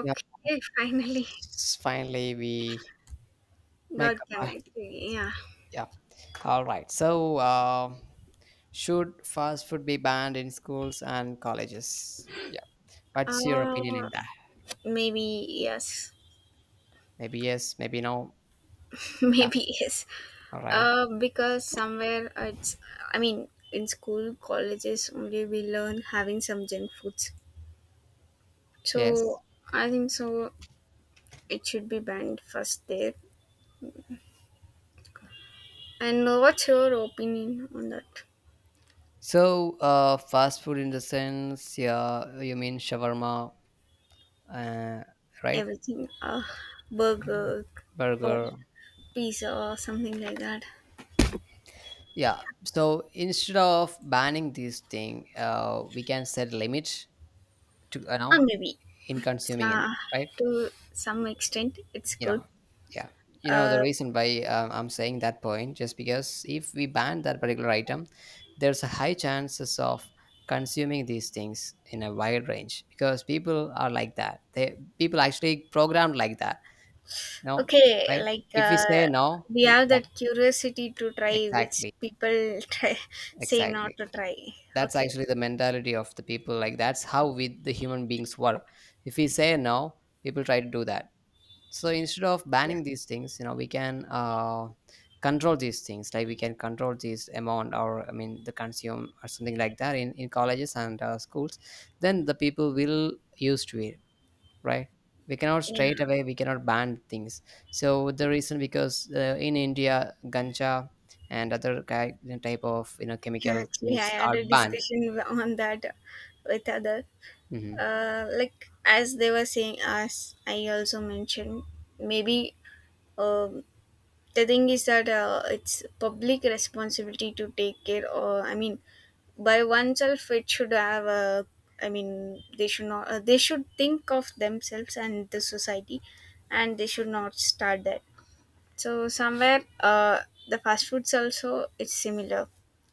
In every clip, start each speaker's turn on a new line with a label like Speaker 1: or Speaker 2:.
Speaker 1: Yeah,
Speaker 2: finally.
Speaker 1: finally we make
Speaker 2: God can
Speaker 1: up.
Speaker 2: I yeah.
Speaker 1: Yeah, all right. So, should fast food be banned in schools and colleges? Yeah, what's your
Speaker 2: Uh
Speaker 1: opinion in that?
Speaker 2: Maybe yes.
Speaker 1: Maybe yes, maybe no. Yeah,
Speaker 2: Maybe yes.
Speaker 1: all right.
Speaker 2: Because somewhere it's I mean in school, colleges only we learn having some junk foods.
Speaker 1: Yes.
Speaker 2: So I think so it should be banned first there. And what's your opinion on that?
Speaker 1: So, fast food in the sense, yeah, you mean shawarma, uh, right?
Speaker 2: Everything. Burger or
Speaker 1: Burger.
Speaker 2: pizza or something like that.
Speaker 1: Yeah. So instead of banning this thing, we can set a limit to
Speaker 2: Or maybe
Speaker 1: in consuming it,
Speaker 2: uh,
Speaker 1: right?
Speaker 2: to some extent it's
Speaker 1: you
Speaker 2: good
Speaker 1: know yeah, the
Speaker 2: uh,
Speaker 1: reason why I'm saying that point, just because if we ban that particular item, there's a high chances of consuming these things in a wide range, because people are like that, they people actually programmed like that. No,
Speaker 2: okay,
Speaker 1: right?
Speaker 2: like,
Speaker 1: If we say no,
Speaker 2: we have
Speaker 1: yeah,
Speaker 2: that curiosity to try which
Speaker 1: exactly,
Speaker 2: people try say not
Speaker 1: exactly.
Speaker 2: to try.
Speaker 1: That's
Speaker 2: Okay.
Speaker 1: actually the mentality of the people, like that's how we the human beings work. If we say no, people try to do that. So instead of
Speaker 2: Yeah,
Speaker 1: banning these things, we can, control these things, like we can control this amount, or I mean the consume or something like that in colleges and schools. Then the people will used to it, right? We cannot straight
Speaker 2: yeah.
Speaker 1: away, we cannot ban things. So the reason because, in India, ganja and other type of
Speaker 2: Yeah,
Speaker 1: chemical
Speaker 2: actually I
Speaker 1: things
Speaker 2: had
Speaker 1: are
Speaker 2: a
Speaker 1: banned.
Speaker 2: discussion on that with other,
Speaker 1: Hmm.
Speaker 2: like, as they were saying, as I also mentioned maybe, um, the thing is that it's public responsibility to take care, or I mean by oneself it should have a, I mean they should not they should think of themselves and the society, and they should not start that. So somewhere the fast foods also it's similar,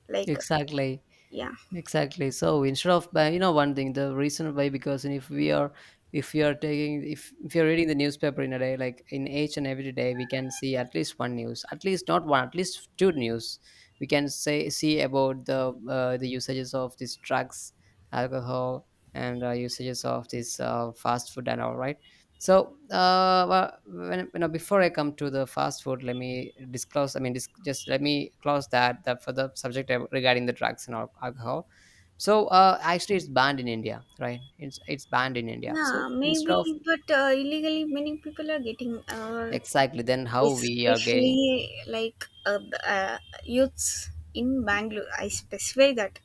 Speaker 2: like,
Speaker 1: Exactly.
Speaker 2: yeah.
Speaker 1: Exactly. So instead of you know, one thing, the reason why, because if we are, if we are taking, if you're reading the newspaper in a day, like in each and every day, we can see at least one news, at least not one, at least two news. We can say see about the usages of these drugs, alcohol, and usages of this fast food and all, right. So well, when you know, before I come to the fast food, let me disclose. I mean, just let me close that for the subject regarding the drugs and alcohol. So actually, it's banned in India, right? It's banned in India. So
Speaker 2: Yeah,
Speaker 1: instead
Speaker 2: maybe,
Speaker 1: of,
Speaker 2: but illegally many people are getting
Speaker 1: exactly, then how we are getting.
Speaker 2: especially like, the, youths in Bangalore, I specify that.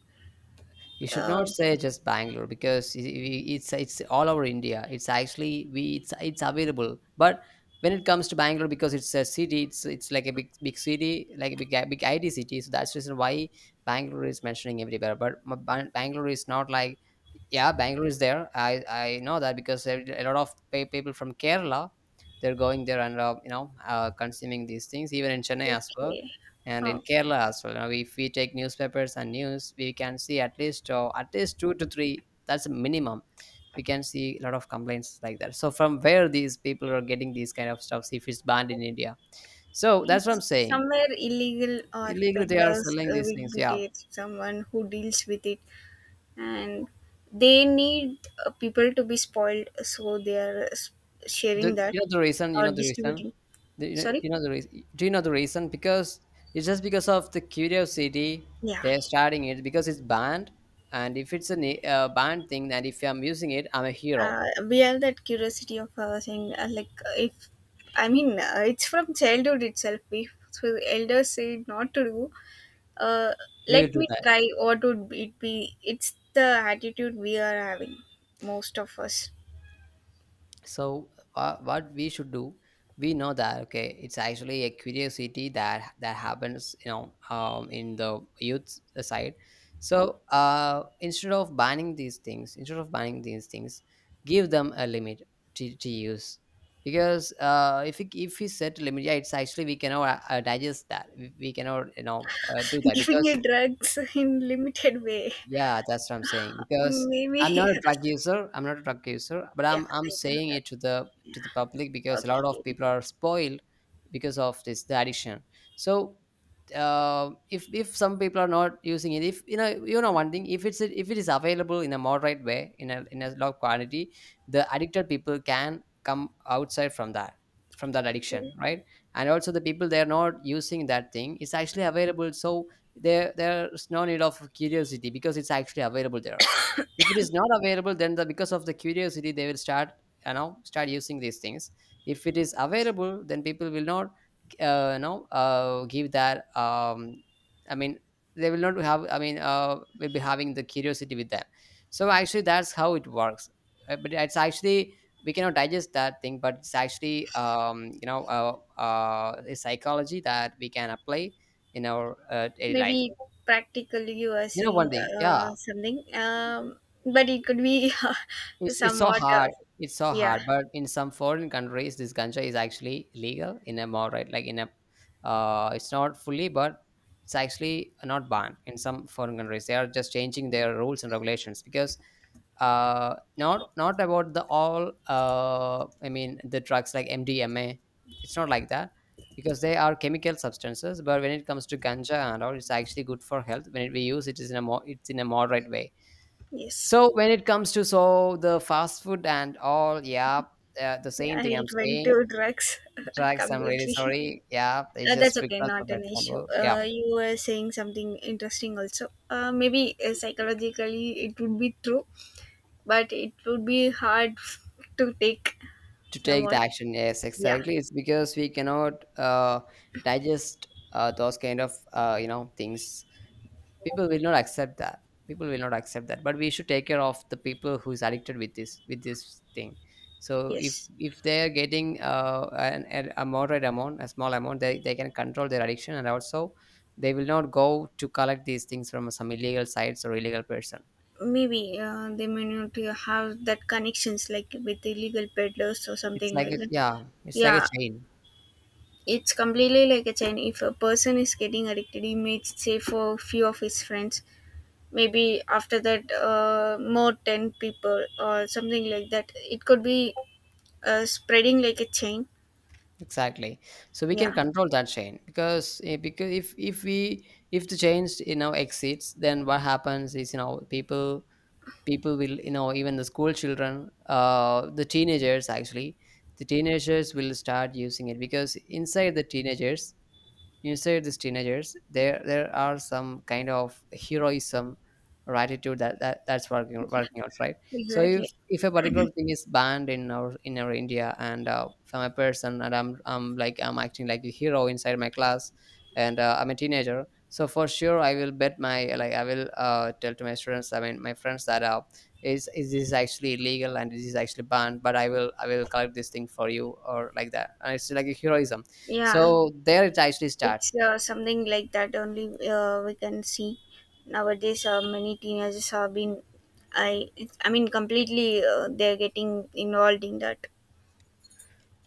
Speaker 1: You should
Speaker 2: uh,
Speaker 1: not say just Bangalore, because it's all over India. It's actually, we it's available. But when it comes to Bangalore, because it's a city, it's like a big big city, like a big big IT city. So that's the reason why Bangalore is mentioning everywhere. But Bangalore is not like, yeah, Bangalore is there. I know that, because a lot of people from Kerala, they're going there and, you know, consuming these things. Even in Chennai as well,
Speaker 2: okay.
Speaker 1: and in
Speaker 2: Oh,
Speaker 1: Kerala as well. Now, if we take newspapers and news, we can see at least two to three. That's a minimum. We can see a lot of complaints like that. So from where these people are getting these kind of stuffs if it's banned in India? So that's what I'm
Speaker 2: it's
Speaker 1: saying.
Speaker 2: somewhere illegal or
Speaker 1: Illegally, they are
Speaker 2: peddlers
Speaker 1: selling these
Speaker 2: will
Speaker 1: things.
Speaker 2: be
Speaker 1: Yeah.
Speaker 2: there, someone who deals with it, and they need, people to be spoiled, so they are
Speaker 1: The,
Speaker 2: sharing that
Speaker 1: you know the reason. You
Speaker 2: or
Speaker 1: know the reason.
Speaker 2: distributing.
Speaker 1: The,
Speaker 2: Sorry,
Speaker 1: you know the reason. Do you know the reason? Because it's just because of the curiosity,
Speaker 2: yeah.
Speaker 1: they're starting it because it's banned. And if it's a banned thing, and if I'm using it, I'm a hero.
Speaker 2: We have that curiosity of saying, like, if I mean it's from childhood itself. If so elders say not to do, uh,
Speaker 1: We will
Speaker 2: let
Speaker 1: do
Speaker 2: me
Speaker 1: that.
Speaker 2: try. What would it be? It's the attitude we are having, most of us.
Speaker 1: So, what we should do, we know that, okay, it's actually a curiosity that, that happens, you know, in the youth side. So instead of banning these things, instead of banning these things, give them a limit to use, because if we set a limit, yeah, it's actually, we cannot digest that, we cannot do that,
Speaker 2: Giving
Speaker 1: because,
Speaker 2: you drugs in limited way.
Speaker 1: yeah, that's what I'm saying. Because I'm not
Speaker 2: Maybe.
Speaker 1: a drug user. I'm not a drug user, but
Speaker 2: Yeah,
Speaker 1: I'm
Speaker 2: I can
Speaker 1: saying
Speaker 2: that.
Speaker 1: it to the,
Speaker 2: Yeah,
Speaker 1: to the public, because a lot of
Speaker 2: okay.
Speaker 1: people are spoiled because of this the addiction. So if some people are not using it, if you know, you know one thing, if it's, if it is available in a moderate way, in a, in a low quantity, the addicted people can come outside from that, from that addiction, right? And also the people they're not using, that thing is actually available. So there, there's no need of curiosity, because it's actually available there. If it is not available, then the, because of the curiosity, they will start, you know, start using these things. If it is available, then people will not, you know, give that, I mean, they will not have, I mean, will be having the curiosity with them. So actually that's how it works. But it's actually, we cannot digest that thing, but it's actually, you know, a psychology that we can apply in our daily life.
Speaker 2: Maybe practically you are
Speaker 1: You know
Speaker 2: saying
Speaker 1: one thing, yeah,
Speaker 2: something, but it could be
Speaker 1: it's so
Speaker 2: somewhat,
Speaker 1: hard. It's so
Speaker 2: yeah,
Speaker 1: hard, but in some foreign countries, this ganja is actually legal in a moderate, like in a, it's not fully, but it's actually not banned in some foreign countries. They are just changing their rules and regulations, because not, not about the all, I mean the drugs like mdma, it's not like that, because they are chemical substances. But when it comes to ganja and all, it's actually good for health when we use it is in a more, it's in a moderate way.
Speaker 2: yes.
Speaker 1: So when it comes to, so the fast food and all, yeah, the same
Speaker 2: Yeah,
Speaker 1: thing I'm
Speaker 2: it went
Speaker 1: saying.
Speaker 2: to drugs
Speaker 1: Drugs, I'm really
Speaker 2: completely.
Speaker 1: sorry. Yeah, it's
Speaker 2: That's
Speaker 1: just
Speaker 2: okay,
Speaker 1: because of
Speaker 2: not an issue.
Speaker 1: example. Yeah,
Speaker 2: You were saying something interesting also. Maybe psychologically it would be true, but it would be hard to take
Speaker 1: to take the
Speaker 2: somewhat.
Speaker 1: action. Yes,
Speaker 2: Yeah,
Speaker 1: exactly. It's because we cannot digest, those kind of you know things. People will not accept that, people will not accept that, but we should take care of the people who's addicted with this, with this thing. So if
Speaker 2: yes.
Speaker 1: if they're getting an a moderate amount, a small amount, they can control their addiction, and also they will not go to collect these things from some illegal sites or illegal person.
Speaker 2: Maybe they may not have that connections, like, with illegal peddlers or
Speaker 1: It's
Speaker 2: something
Speaker 1: like
Speaker 2: like
Speaker 1: a,
Speaker 2: that.
Speaker 1: yeah, it's like a
Speaker 2: Yeah,
Speaker 1: chain.
Speaker 2: it's completely like a chain. If a person is getting addicted, he may say for few of his friends. Maybe after that, more 10 people or something like that, it could be spreading like a chain.
Speaker 1: Exactly. So we can
Speaker 2: Yeah.
Speaker 1: control that chain, because because if we, if the change, you know, exceeds, then what happens is, you know, people, people will, you know, even the school children, the teenagers, actually the teenagers will start using it, because inside the teenagers, inside these teenagers, there are some kind of heroism or attitude that, that, that's working,
Speaker 2: Yeah,
Speaker 1: working out, right? So if
Speaker 2: exactly.
Speaker 1: if a particular thing is banned in our, in our India, and if I'm a person and I'm acting like a hero inside my class, and I'm a teenager, so for sure I will bet my, like I will tell to my students, I mean my friends, that is, this is actually illegal and this is actually banned, but I will collect this thing for you or like that, and it's like a heroism.
Speaker 2: Yeah,
Speaker 1: So there it actually starts.
Speaker 2: it's something like that only we can see nowadays. Many teenagers have been, it's, I mean completely they're getting involved in that.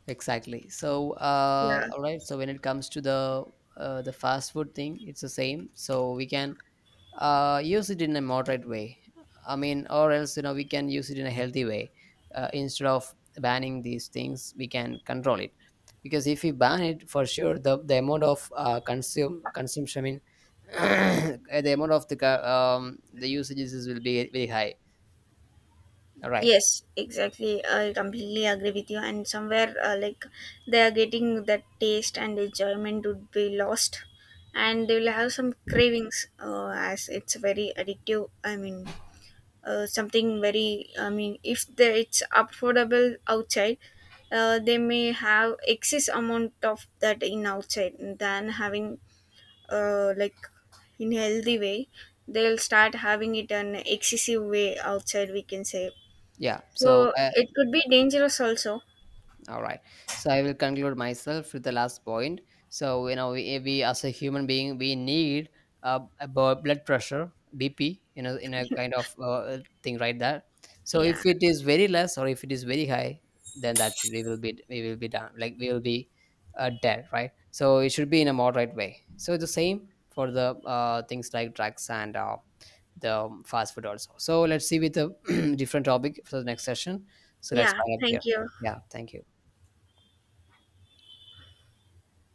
Speaker 1: Exactly. So
Speaker 2: Yeah.
Speaker 1: all right, so when it comes to the fast food thing, it's the same. So we can use it in a moderate way, I mean, or else, you know, we can use it in a healthy way. Instead of banning these things, we can control it, because if we ban it, for sure the amount of consume consumption, I mean the amount of the the usages will be very high. All right,
Speaker 2: Yes, exactly. I completely agree with you. And somewhere, like, they are getting that taste and enjoyment would be lost, and they will have some cravings. As it's very addictive. I mean, something very, I mean, if the, it's affordable outside, they may have excess amount of that in outside than having, like, in healthy way, they'll start having it an excessive way outside, we can say.
Speaker 1: yeah, so
Speaker 2: So it could be dangerous also.
Speaker 1: all right. So I will conclude myself with the last point. So, you know, we as a human being, we need a blood pressure (BP), you know, in a kind of thing right there. So if
Speaker 2: Yeah.
Speaker 1: it is very less or if it is very high, then that's, we will be, we will be done, like we will be dead, right? So it should be in a moderate way. So the same for the things like drugs and the fast food also. So let's see with a different topic for the next session. So let's
Speaker 2: Yeah,
Speaker 1: find up here.
Speaker 2: thank you.
Speaker 1: Yeah. Thank you.